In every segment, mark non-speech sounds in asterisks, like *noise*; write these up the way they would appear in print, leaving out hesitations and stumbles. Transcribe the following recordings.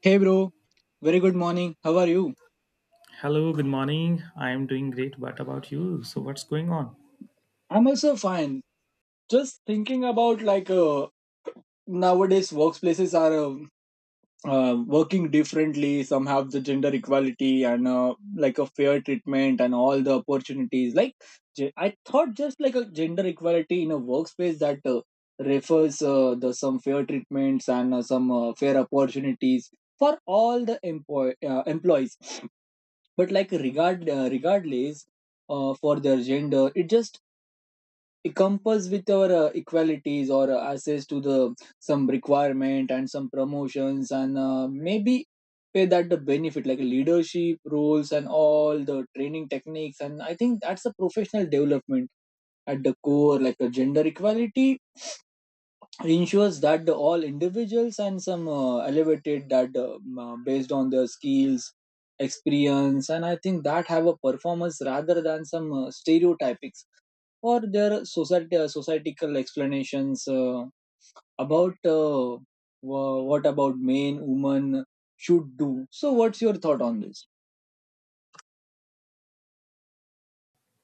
Hey bro, very good morning. How are you? Hello, good morning. I am doing great. What about you? So, what's going on? I'm also fine. Just thinking about nowadays workplaces are working differently. Some have the gender equality and like a fair treatment and all the opportunities. I thought, just like a gender equality in a workspace that refers the some fair treatments and some fair opportunities for all the employees. But like regardless for their gender. It just encompass with our equalities or access to the some requirement and some promotions and maybe pay that the benefit like leadership roles and all the training techniques. And I think that's a professional development at the core, like a gender equality ensures that the all individuals and some elevated that based on their skills, experience, and I think that have a performance rather than some stereotypics or their society societal explanations about what about men women should do. So what's your thought on this?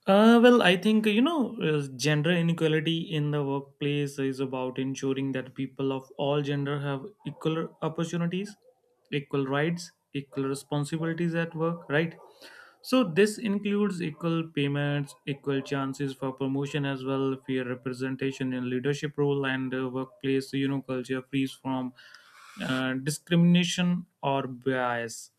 Well, I think gender inequality in the workplace is about ensuring that people of all gender have equal opportunities, equal rights, equal responsibilities at work, right? So, this includes equal payments, equal chances for promotion as well, fair representation in leadership role, and workplace, culture free from discrimination or bias.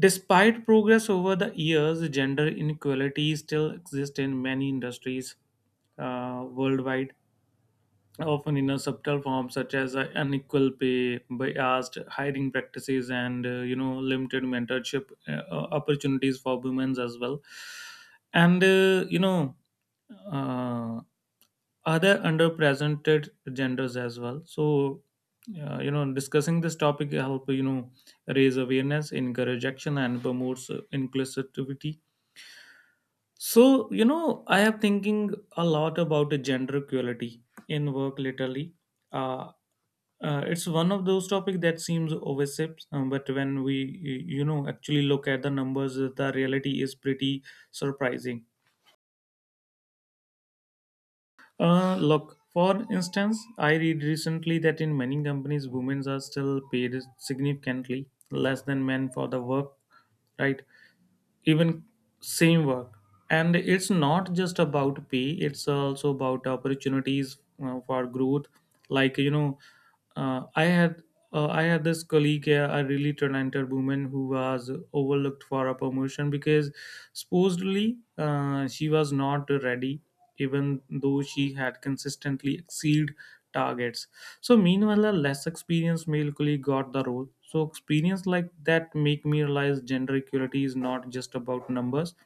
Despite progress over the years, gender inequality still exists in many industries, worldwide, often in a subtle form such as unequal pay, biased hiring practices, and limited mentorship opportunities for women as well. And uh, you know, uh, Other underrepresented genders as well. So discussing this topic help, raise awareness, encourage action, and promotes inclusivity. So I have thinking a lot about the gender equality in work lately. uh, it's one of those topics that seems overship but when we actually look at the numbers, the reality is pretty surprising. Look, for instance, I read recently that in many companies, women are still paid significantly less than men for the work, right? Even same work. And it's not just about pay, it's also about opportunities for growth. Like, you know, uh, I had. I had this colleague, a really talented woman who was overlooked for a promotion because supposedly she was not ready, even though she had consistently exceeded targets. So meanwhile, a less experienced male colleague got the role. So experience like that make me realize gender equality is not just about numbers;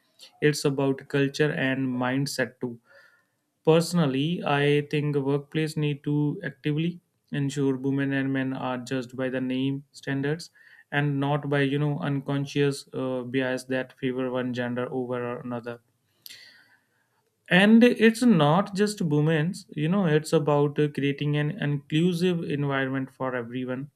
it's about culture and mindset too. Personally, I think workplace need to actively ensure women and men are judged by the name standards and not by unconscious bias that favor one gender over another. And it's not just women's, it's about creating an inclusive environment for everyone.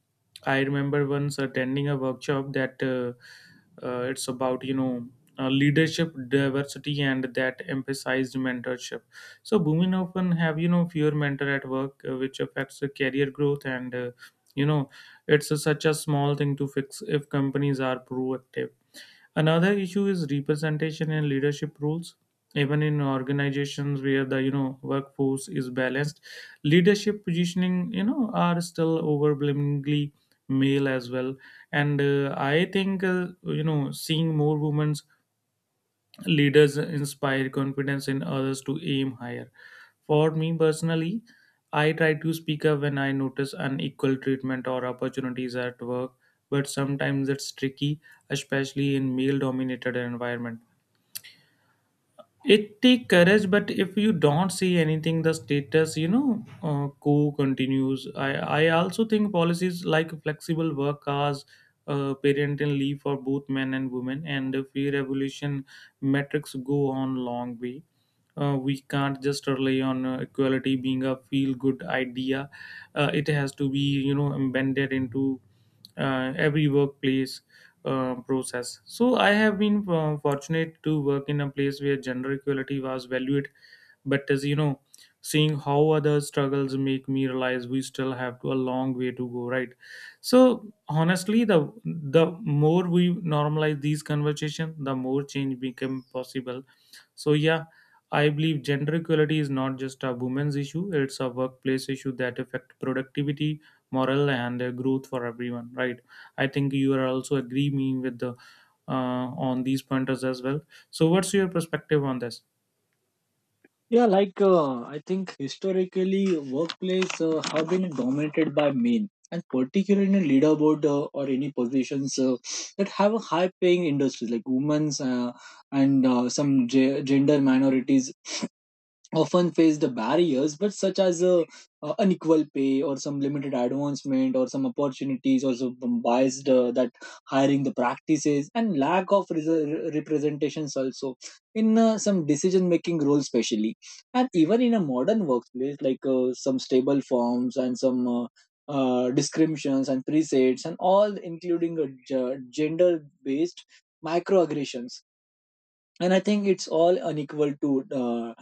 I remember once attending a workshop that it's about, leadership diversity and that emphasized mentorship. So women often have, fewer mentor at work, which affects the career growth, and, you know, it's a, such a small thing to fix if companies are proactive. Another issue is representation in leadership roles. Even in organizations where the workforce is balanced, leadership positioning are still overwhelmingly male as well. And I think seeing more women leaders inspire confidence in others to aim higher. For me personally, I try to speak up when I notice unequal treatment or opportunities at work, but sometimes it's tricky, especially in male dominated environment. It take courage, but if you don't see anything, the status quo continues. I also think policies like flexible work hours, parental leave for both men and women, and the free revolution metrics go on long way. We can't just rely on equality being a feel good idea. It has to be embedded into every workplace process. So I have been fortunate to work in a place where gender equality was valued, but as you know, seeing how other struggles make me realize we still have a long way to go. Right. So honestly, the more we normalize these conversations, the more change become possible. So yeah, I believe gender equality is not just a women's issue, it's a workplace issue that affects productivity, morale, and growth for everyone, right? I think you are also agree me with the on these pointers as well. So what's your perspective on this? Yeah, I think historically, workplace have been dominated by men, and particularly in leaderboard or any positions that have a high-paying industry, like women's and gender minorities often face the barriers but such as unequal pay or some limited advancement or some opportunities or some biased that hiring the practices and lack of representations also in some decision making roles especially. And even in a modern workplace, some stable forms and some descriptions and presets and all including gender based microaggressions. And I think it's all unequal to uh,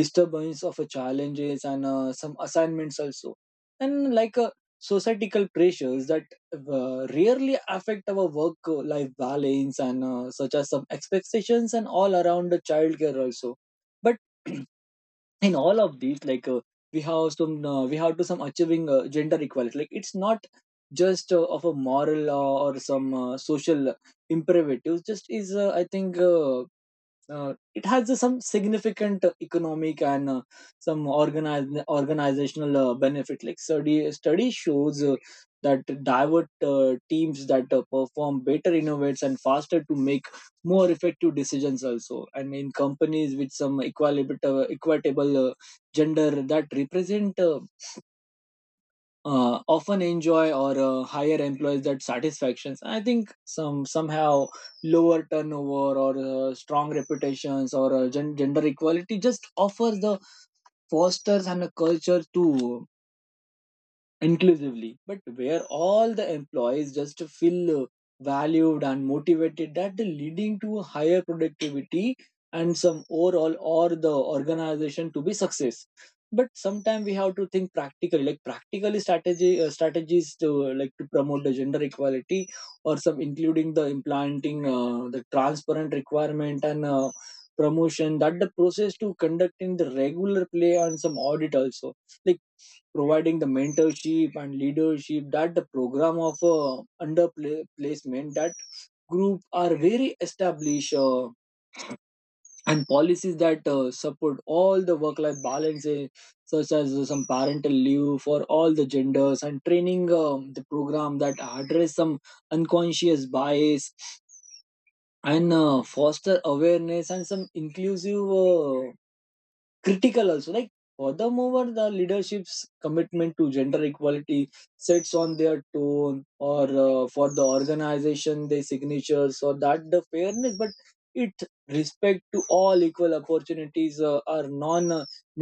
disturbance of challenges and some assignments also. And societal pressures that rarely affect our work life balance and such as some expectations and all around the childcare also. But *clears throat* in all of these, we have some we have to some achieving gender equality. Like it's not just of a moral or some social imperatives, just is I think it has some significant economic and some organizational benefit. Like study shows that divert teams that perform better, innovates and faster to make more effective decisions also. And in companies with some equitable gender that represent often enjoy or higher employees that satisfactions. I think some somehow lower turnover or strong reputations or gender equality just offers the fosters and a culture to inclusively, but where all the employees just feel valued and motivated, that leading to higher productivity and some overall or the organization to be success. But sometimes we have to think practically, like practical strategy strategies to like to promote the gender equality or some including the implanting the transparent requirement and promotion that the process to conducting the regular play and some audit also, like providing the mentorship and leadership that the program of placement that group are very established and policies that support all the work life balances, such as some parental leave for all the genders and training the program that address some unconscious bias and foster awareness and some inclusive critical also. Like furthermore, the leadership's commitment to gender equality sets on their tone or for the organization their signatures or that the fairness, but it respect to all equal opportunities are non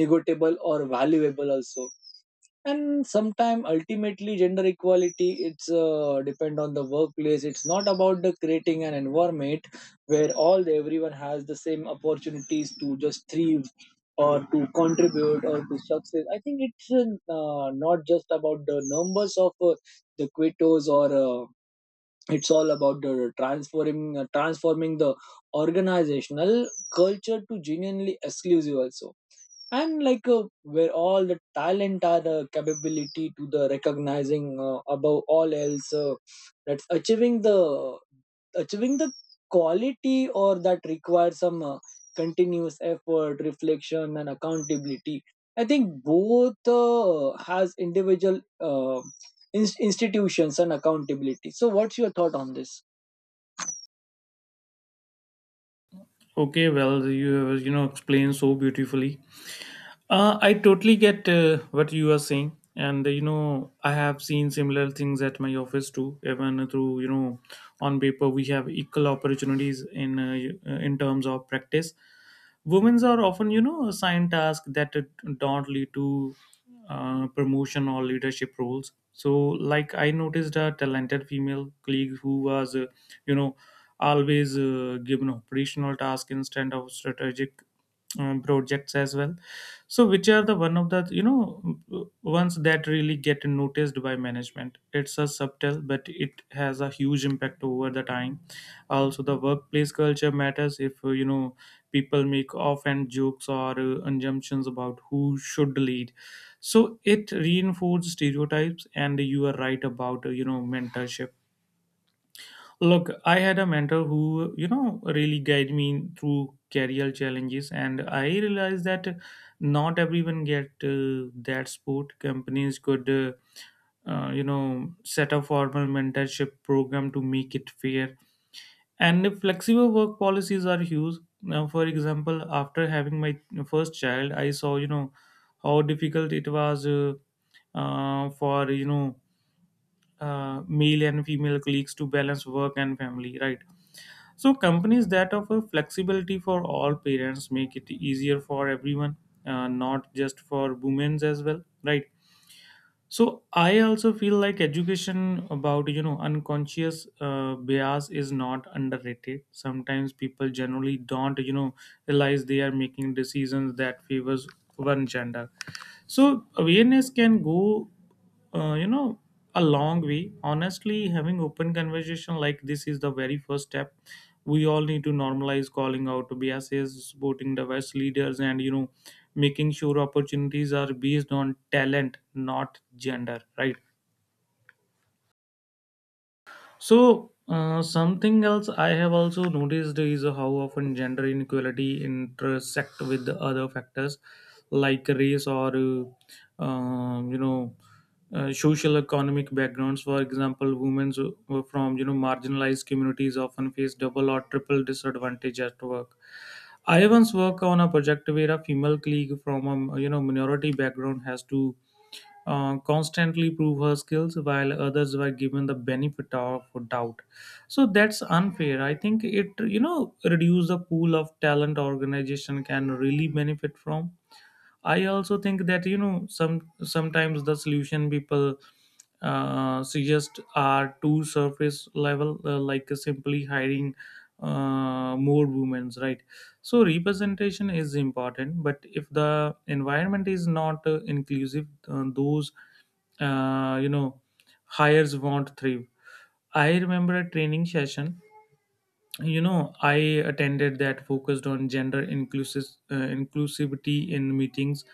negotiable or valuable also. And sometime ultimately gender equality, it's depend on the workplace. It's not about the creating an environment where all the, everyone has the same opportunities to just thrive or to contribute or to success. I think it's not just about the numbers of the quotas or it's all about the transforming the organizational culture to genuinely exclusive also. And where all the talent are the capability to the recognizing above all else that's achieving the quality or that requires some continuous effort, reflection, and accountability. I think both has individual institutions and accountability. So, what's your thought on this? Okay, well you have explained so beautifully. I totally get what you are saying, and I have seen similar things at my office too. Even through on paper we have equal opportunities in in terms of practice. Women are often assigned tasks that don't lead to promotion or leadership roles. So, like I noticed a talented female colleague who was you know always given operational tasks instead of strategic projects as well, so which are the one of the ones that really get noticed by management. It's a subtle but it has a huge impact over the time. Also, the workplace culture matters if people make offhand jokes or assumptions about who should lead, so it reinforces stereotypes. And you are right about mentorship. Look, I had a mentor who, really guided me through career challenges, and I realized that not everyone get that support. Companies could, set a formal mentorship program to make it fair. And flexible work policies are huge. Now, for example, after having my first child, I saw, how difficult it was for, male and female colleagues to balance work and family, right? So companies that offer flexibility for all parents make it easier for everyone, not just for women as well, right? So I also feel like education about unconscious bias is not underrated. Sometimes people generally don't realize they are making decisions that favors one gender, so awareness can go uh, you know a long way. Honestly, having open conversation like this is the very first step. We all need to normalize calling out biases, supporting diverse leaders, and making sure opportunities are based on talent, not gender, right? So, something else I have also noticed is how often gender inequality intersect with the other factors like race or, social economic backgrounds. For example, women who from, marginalized communities often face double or triple disadvantage at work. I once worked on a project where a female colleague from a, minority background has to constantly prove her skills while others were given the benefit of doubt. So that's unfair. I think it reduce the pool of talent organization can really benefit from. I also think that sometimes the solution people suggest are too surface level, like simply hiring more women, right? So representation is important, but if the environment is not inclusive, those uh, you know hires won't thrive. I remember a training session I attended that focused on gender inclusive inclusivity in meetings.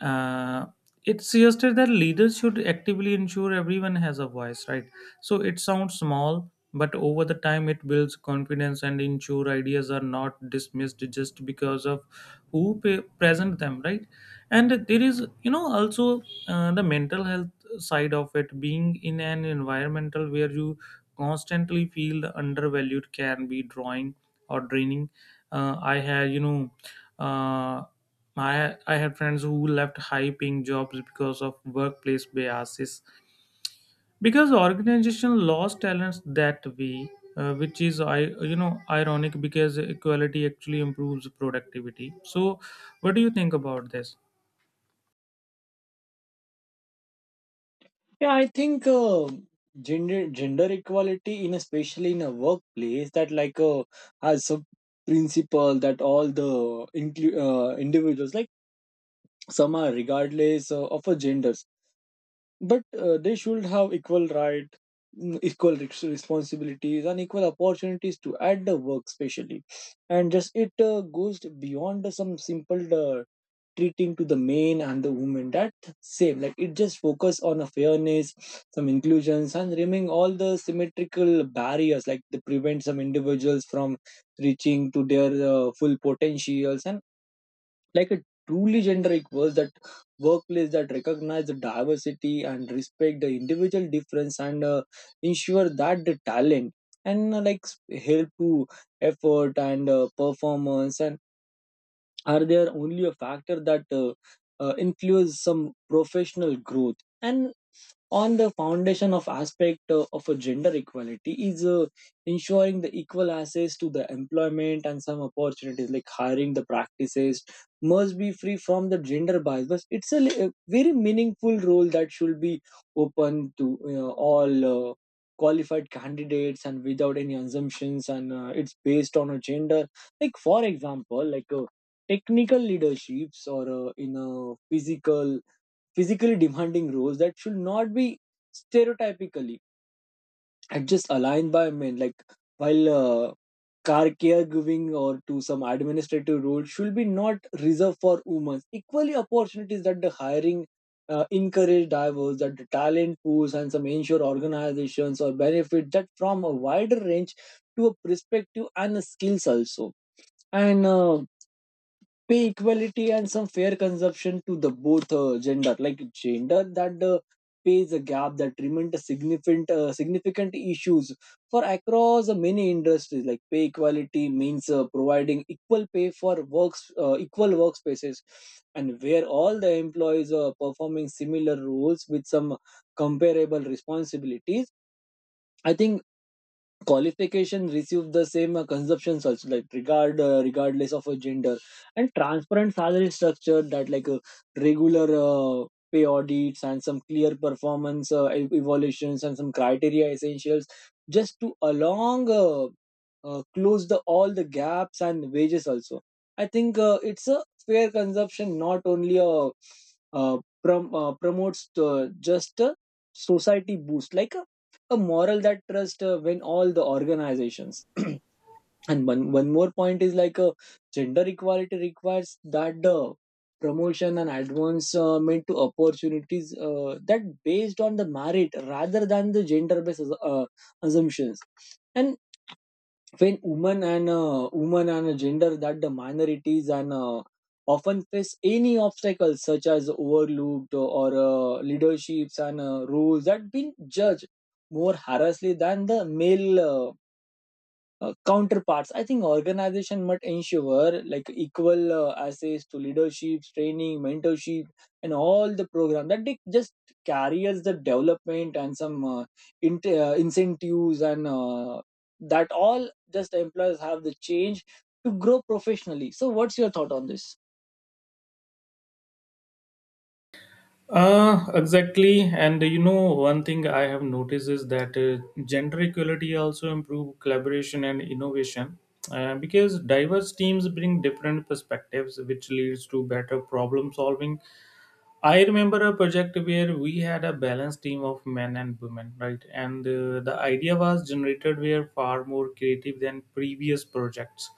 uh, it suggested that leaders should actively ensure everyone has a voice, right? So it sounds small, but over the time it builds confidence and ensure ideas are not dismissed just because of present them, right? And there is also the mental health side of it. Being in an environmental where you constantly feel undervalued can be drawing or draining. I had uh, I had friends who left high paying jobs because of workplace biases, because organization lost talents that way, which is I ironic, because equality actually improves productivity. So, what do you think about this? Yeah, I think gender equality, in especially in a workplace, that has a principle that all the individuals, like some are regardless of a genders, but they should have equal right, equal responsibilities, and equal opportunities to at the work, especially, and just it goes beyond some simple. Treating to the men and the women that same, like it just focus on a fairness, some inclusions and removing all the symmetrical barriers like they prevent some individuals from reaching to their full potentials. And like a truly gender equal that workplace that recognize the diversity and respect the individual difference and ensure that the talent and like help to effort and performance and are there only a factor that influence some professional growth. And on the foundation of aspect of a gender equality is ensuring the equal access to the employment and some opportunities like hiring the practices must be free from the gender bias, but it's a, a very meaningful role that should be open to you know, all qualified candidates and without any assumptions and it's based on a gender. Like for example technical leaderships or in a physically demanding roles that should not be stereotypically and just aligned by men. Like while caregiving or to some administrative role should be not reserved for women. Equally, opportunities that the hiring encourage diverse, that the talent pools and some ensure organizations or benefit that from a wider range to a perspective and the skills also. And pay equality and some fair consumption to the both gender, like gender that pays a gap that remained a significant issues for across many industries. Like pay equality means providing equal pay for works equal workspaces and where all the employees are performing similar roles with some comparable responsibilities. I think qualification receive the same consumptions also, like regardless of a gender. And transparent salary structure that regular pay audits and some clear performance evaluations and some criteria essentials just to along close the all the gaps and wages also. I think it's a fair consumption not only a uh, promotes just a society boost a moral that trust when all the organizations. *clears throat* And one more point is gender equality requires that the promotion and advancement to opportunities that based on the merit rather than the gender based assumptions. And when women and gender that the minorities and often face any obstacles such as overlooked or leaderships and rules that been judged more harshly than the male counterparts. I think organization must ensure like equal access to leadership training, mentorship, and all the program that they just carries the development and some int incentives and that all just employers have the change to grow professionally. So what's your thought on this? Exactly. And you know, one thing I have noticed is that gender equality also improve collaboration and innovation because diverse teams bring different perspectives, which leads to better problem solving. I remember a project where we had a balanced team of men and women, right? And the idea was generated were far more creative than previous projects.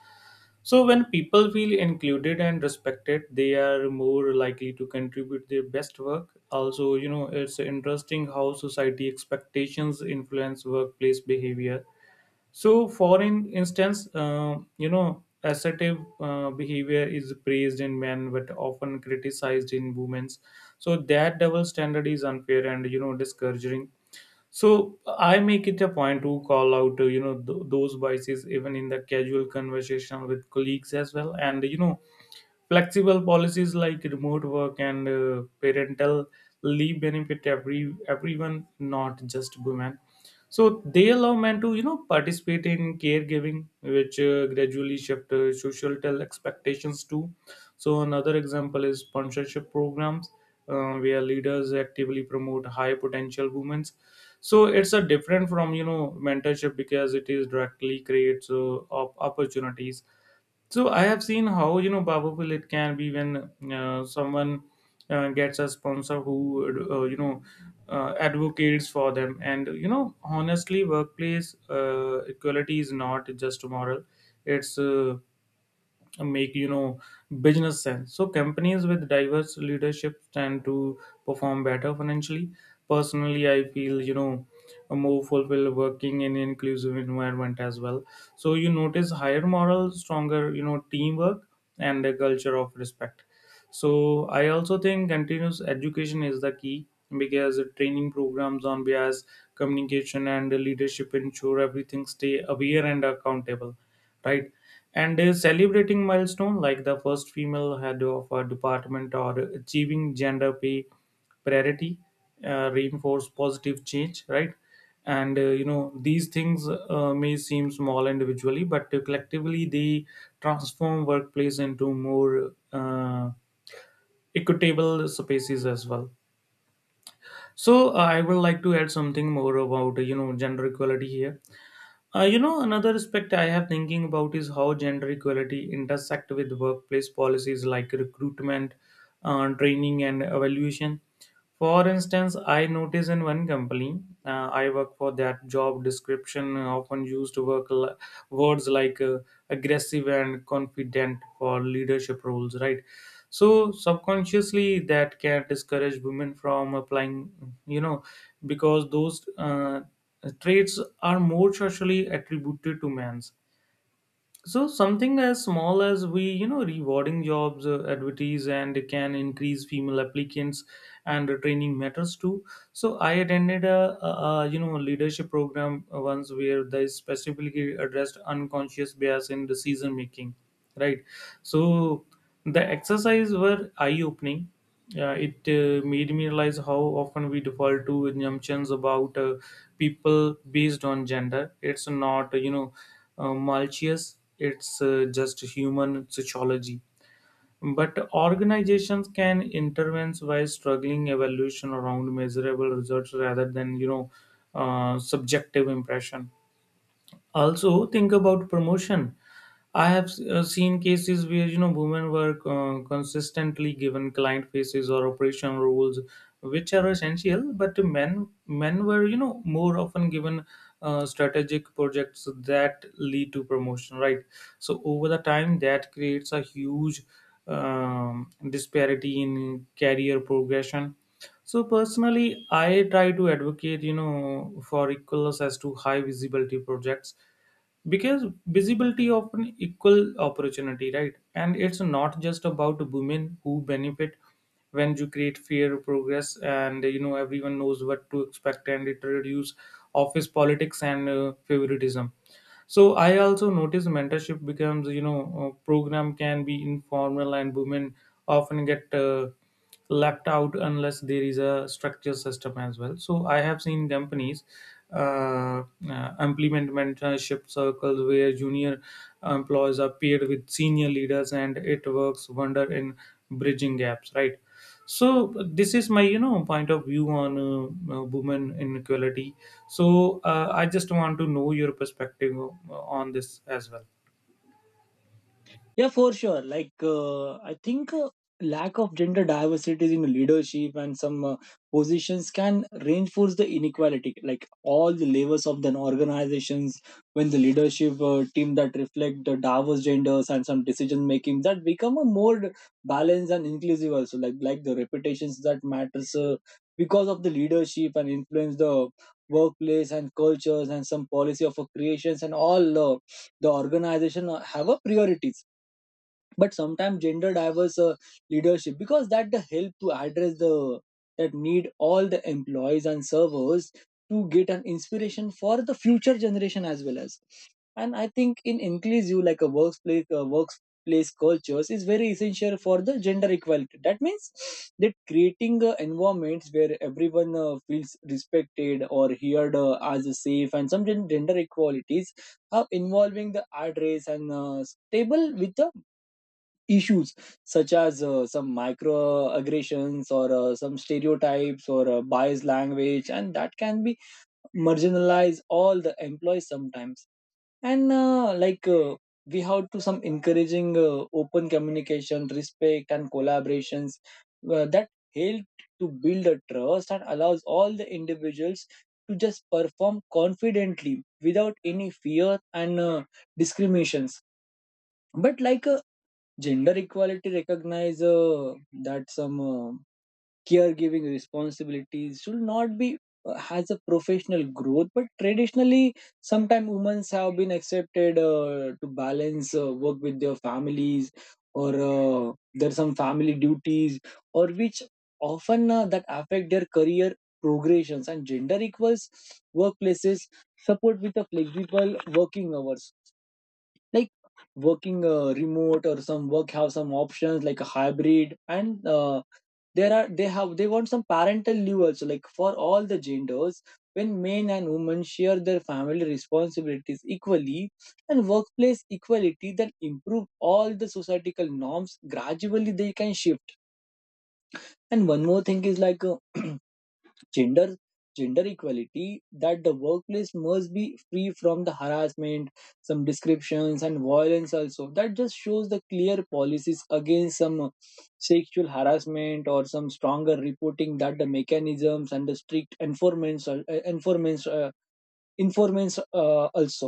So when people feel included and respected, they are more likely to contribute their best work. Also, you know, it's interesting how society expectations influence workplace behavior. So, for in instance, assertive behavior is praised in men but often criticized in women. So that double standard is unfair and discouraging. So I make it a point to call out those biases even in the casual conversation with colleagues as well. And flexible policies like remote work and parental leave benefit everyone, not just women. So they allow men to participate in caregiving, which gradually shift social expectations too. So another example is sponsorship programs, where leaders actively promote high potential women. So it's a different from mentorship because it is directly creates opportunities. So I have seen how powerful it can be when someone gets a sponsor who uh, you know advocates for them. And you know, honestly, workplace equality is not just moral; it's make you know business sense. So companies with diverse leadership tend to perform better financially. Personally, I feel, you know, more fulfilled working in inclusive environment as well. So you notice higher moral, stronger, you know, teamwork and a culture of respect. So I also think continuous education is the key because training programs on bias, communication and leadership ensure everything stay aware and accountable, right? And celebrating milestone like the first female head of a department or achieving gender pay parity reinforce positive change, right? And you know, these things may seem small individually, but collectively they transform workplace into more equitable spaces as well. So I would like to add something more about, you know, gender equality here. You know, another aspect I have thinking about is how gender equality intersect with workplace policies like recruitment, training, and evaluation. For instance, I notice in one company I work for that job description often used words like aggressive and confident for leadership roles, right? So subconsciously that can discourage women from applying, you know, because those traits are more socially attributed to men. So something as small as we, you know, rewarding jobs, advertise, and it can increase female applicants, and training matters too. So I attended a you know leadership program once where they specifically addressed unconscious bias in decision making, right? So the exercise were eye opening. Yeah, it made me realize how often we default to assumptions about people based on gender. It's not, you know, malicious. It's just human sociology. But organizations can intervene by struggling evaluation around measurable results rather than, you know, subjective impression. Also think about promotion. I have seen cases where, you know, women were consistently given client faces or operation roles, which are essential, but men were, you know, more often given strategic projects that lead to promotion, right? So over the time, that creates a huge disparity in career progression. So personally, I try to advocate, you know, for equal access to high visibility projects because visibility often equal opportunity, right? And it's not just about women who benefit when you create fair progress, and, you know, everyone knows what to expect, and it reduce office politics and favoritism. So I also notice mentorship becomes, you know, a program can be informal, and women often get left out unless there is a structured system as well. So I have seen companies uh, implement mentorship circles where junior employees are paired with senior leaders, and it works wonder in bridging gaps, right? So this is my, you know, point of view on women inequality. So I just want to know your perspective on this as well. Yeah, for sure. I think lack of gender diversity in leadership and some positions can reinforce the inequality. Like all the levels of the organizations, when the leadership team that reflect the diverse genders and some decision making that become a more balanced and inclusive. Also, like the reputations that matters because of the leadership and influence the workplace and cultures and some policy of creations and all the organization have a priorities, but sometimes gender diverse leadership because that the help to address the that need all the employees and servers to get an inspiration for the future generation as well as. And I think in inclusive like a workplace cultures is very essential for the gender equality. That means that creating environments where everyone feels respected or heard as a safe and some gender equalities are involving the address and stable with the issues such as some microaggressions or some stereotypes or biased language and that can be marginalize all the employees sometimes. And we have to some encouraging open communication, respect, and collaborations that help to build a trust and allows all the individuals to just perform confidently without any fear and discriminations. But gender equality recognize that some caregiving responsibilities should not be has a professional growth, but traditionally, sometimes women have been accepted to balance work with their families, or there are some family duties, or which often that affect their career progressions. And gender equals workplaces support with a flexible working hours, like working remote or some work have some options like a hybrid and there are they have they want some parental leave also, like for all the genders. When men and women share their family responsibilities equally and workplace equality that improve all the societal norms gradually they can shift. And one more thing is *clears throat* gender gender equality that the workplace must be free from the harassment, some descriptions, and violence also, that just shows the clear policies against some sexual harassment or some stronger reporting that the mechanisms and the strict enforcements informants also,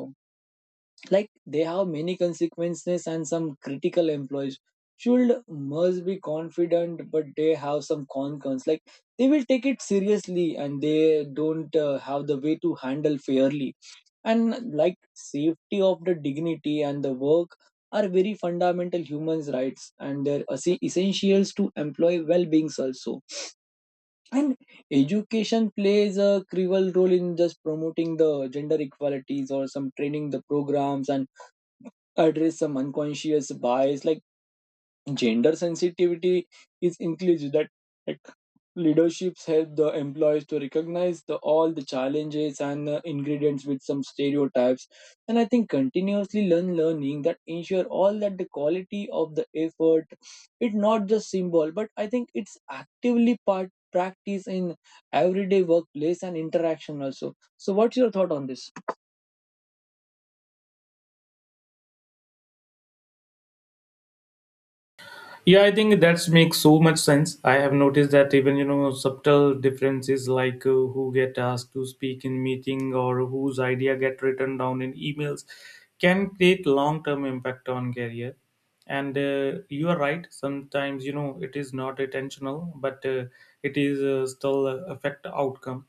like they have many consequences and some critical employees should must be confident, but they have some concerns like they will take it seriously and they don't have the way to handle fairly. And like safety of the dignity and the work are very fundamental human rights and they're essentials to employee well-beings also. And education plays a crucial role in just promoting the gender equalities or some training the programs and address some unconscious bias, like gender sensitivity is inclusive that like leaderships help the employees to recognize the all the challenges and ingredients with some stereotypes. And I think continuously learning that ensure all that the quality of the effort. It not just symbol, but I think it's actively part practice in everyday workplace and interaction also. So what's your thought on this? Yeah, I think that's makes so much sense. I have noticed that even, you know, subtle differences like who get asked to speak in meeting or whose idea get written down in emails can create long term impact on career. And you are right, sometimes, you know, it is not intentional, but it is still affect outcome.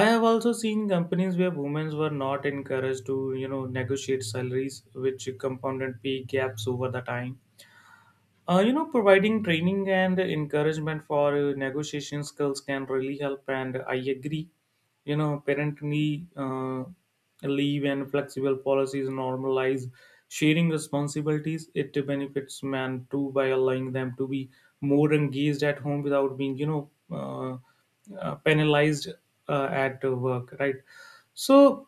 I have also seen companies where women were not encouraged to, you know, negotiate salaries, which compounded pay gaps over the time. You know, providing training and encouragement for negotiation skills can really help, and I agree. You know, parental uh, leave and flexible policies normalize sharing responsibilities. It benefits men too by allowing them to be more engaged at home without being, you know, penalized at work, right? So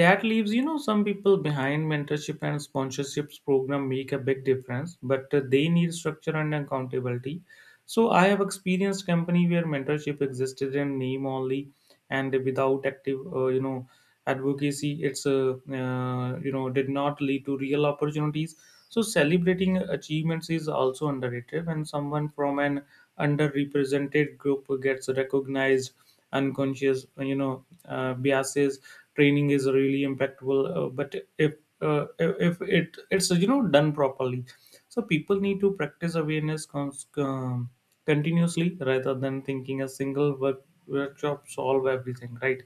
that leaves, you know, some people behind. Mentorship and sponsorships program make a big difference, but they need structure and accountability. So I have experienced company where mentorship existed in name only, and without active, you know, advocacy, it's you know, did not lead to real opportunities. So celebrating achievements is also underrated when someone from an underrepresented group gets recognized. Unconscious, you know, biases training is really impactful, but if if it's you know done properly. So people need to practice awareness continuously rather than thinking a single workshop solve everything, right?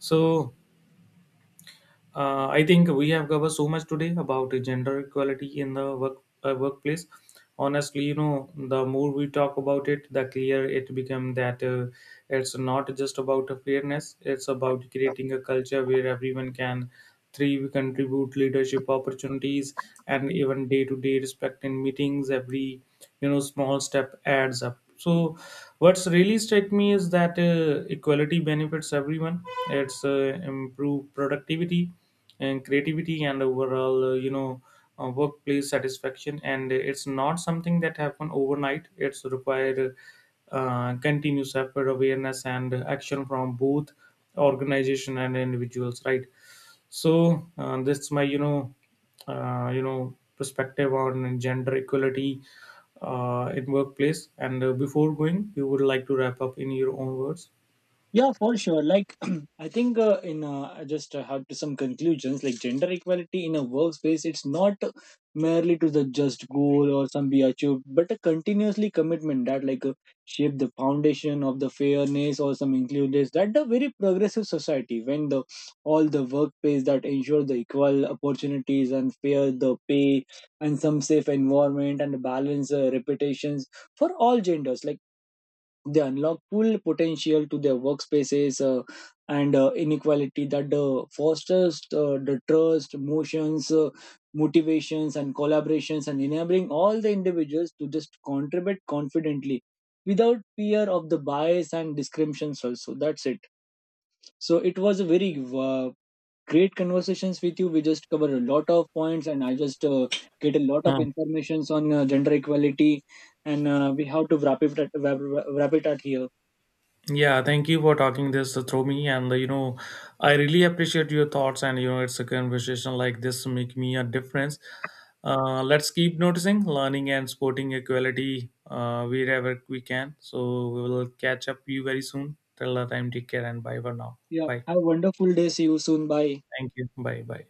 So I think we have covered so much today about the gender equality in the workplace. Honestly, you know, the more we talk about it, the clearer it becomes that it's not just about a fairness. It's about creating a culture where everyone can three, we contribute leadership opportunities and even day-to-day respect in meetings. Every, you know, small step adds up. So what's really struck me is that equality benefits everyone. It's improved productivity and creativity and overall, you know, workplace satisfaction. And it's not something that happen overnight. It's required continuous effort, awareness, and action from both organization and individuals, right? So that's my, you know, perspective on gender equality in workplace. And before going, you would like to wrap up in your own words. Yeah, for sure. Like, *clears throat* I think in I just have to some conclusions. Like, gender equality in a workspace, it's not merely to the just goal or some be achieved, but a continuously commitment that shape the foundation of the fairness or some inclusiveness. That the very progressive society when the all the workplace that ensure the equal opportunities and fair the pay and some safe environment and balance reputations for all genders. Like they unlock full potential to their workspaces and inequality that fosters the trust, motions, motivations, and collaborations, and enabling all the individuals to just contribute confidently without fear of the bias and discriminations also. That's it. So it was a very great conversations with you. We just covered a lot of points and I just get a lot of Hmm. informations on gender equality. And we have to wrap it at here. Yeah, thank you for talking this through me, and, you know, I really appreciate your thoughts, and, you know, it's a conversation like this make me a difference. Let's keep noticing, learning and sporting equality wherever we can. So we will catch up you very soon. Till the time, take care and bye for now. Yeah. Bye. Have a wonderful day. See you soon. Bye. Thank you. Bye. Bye.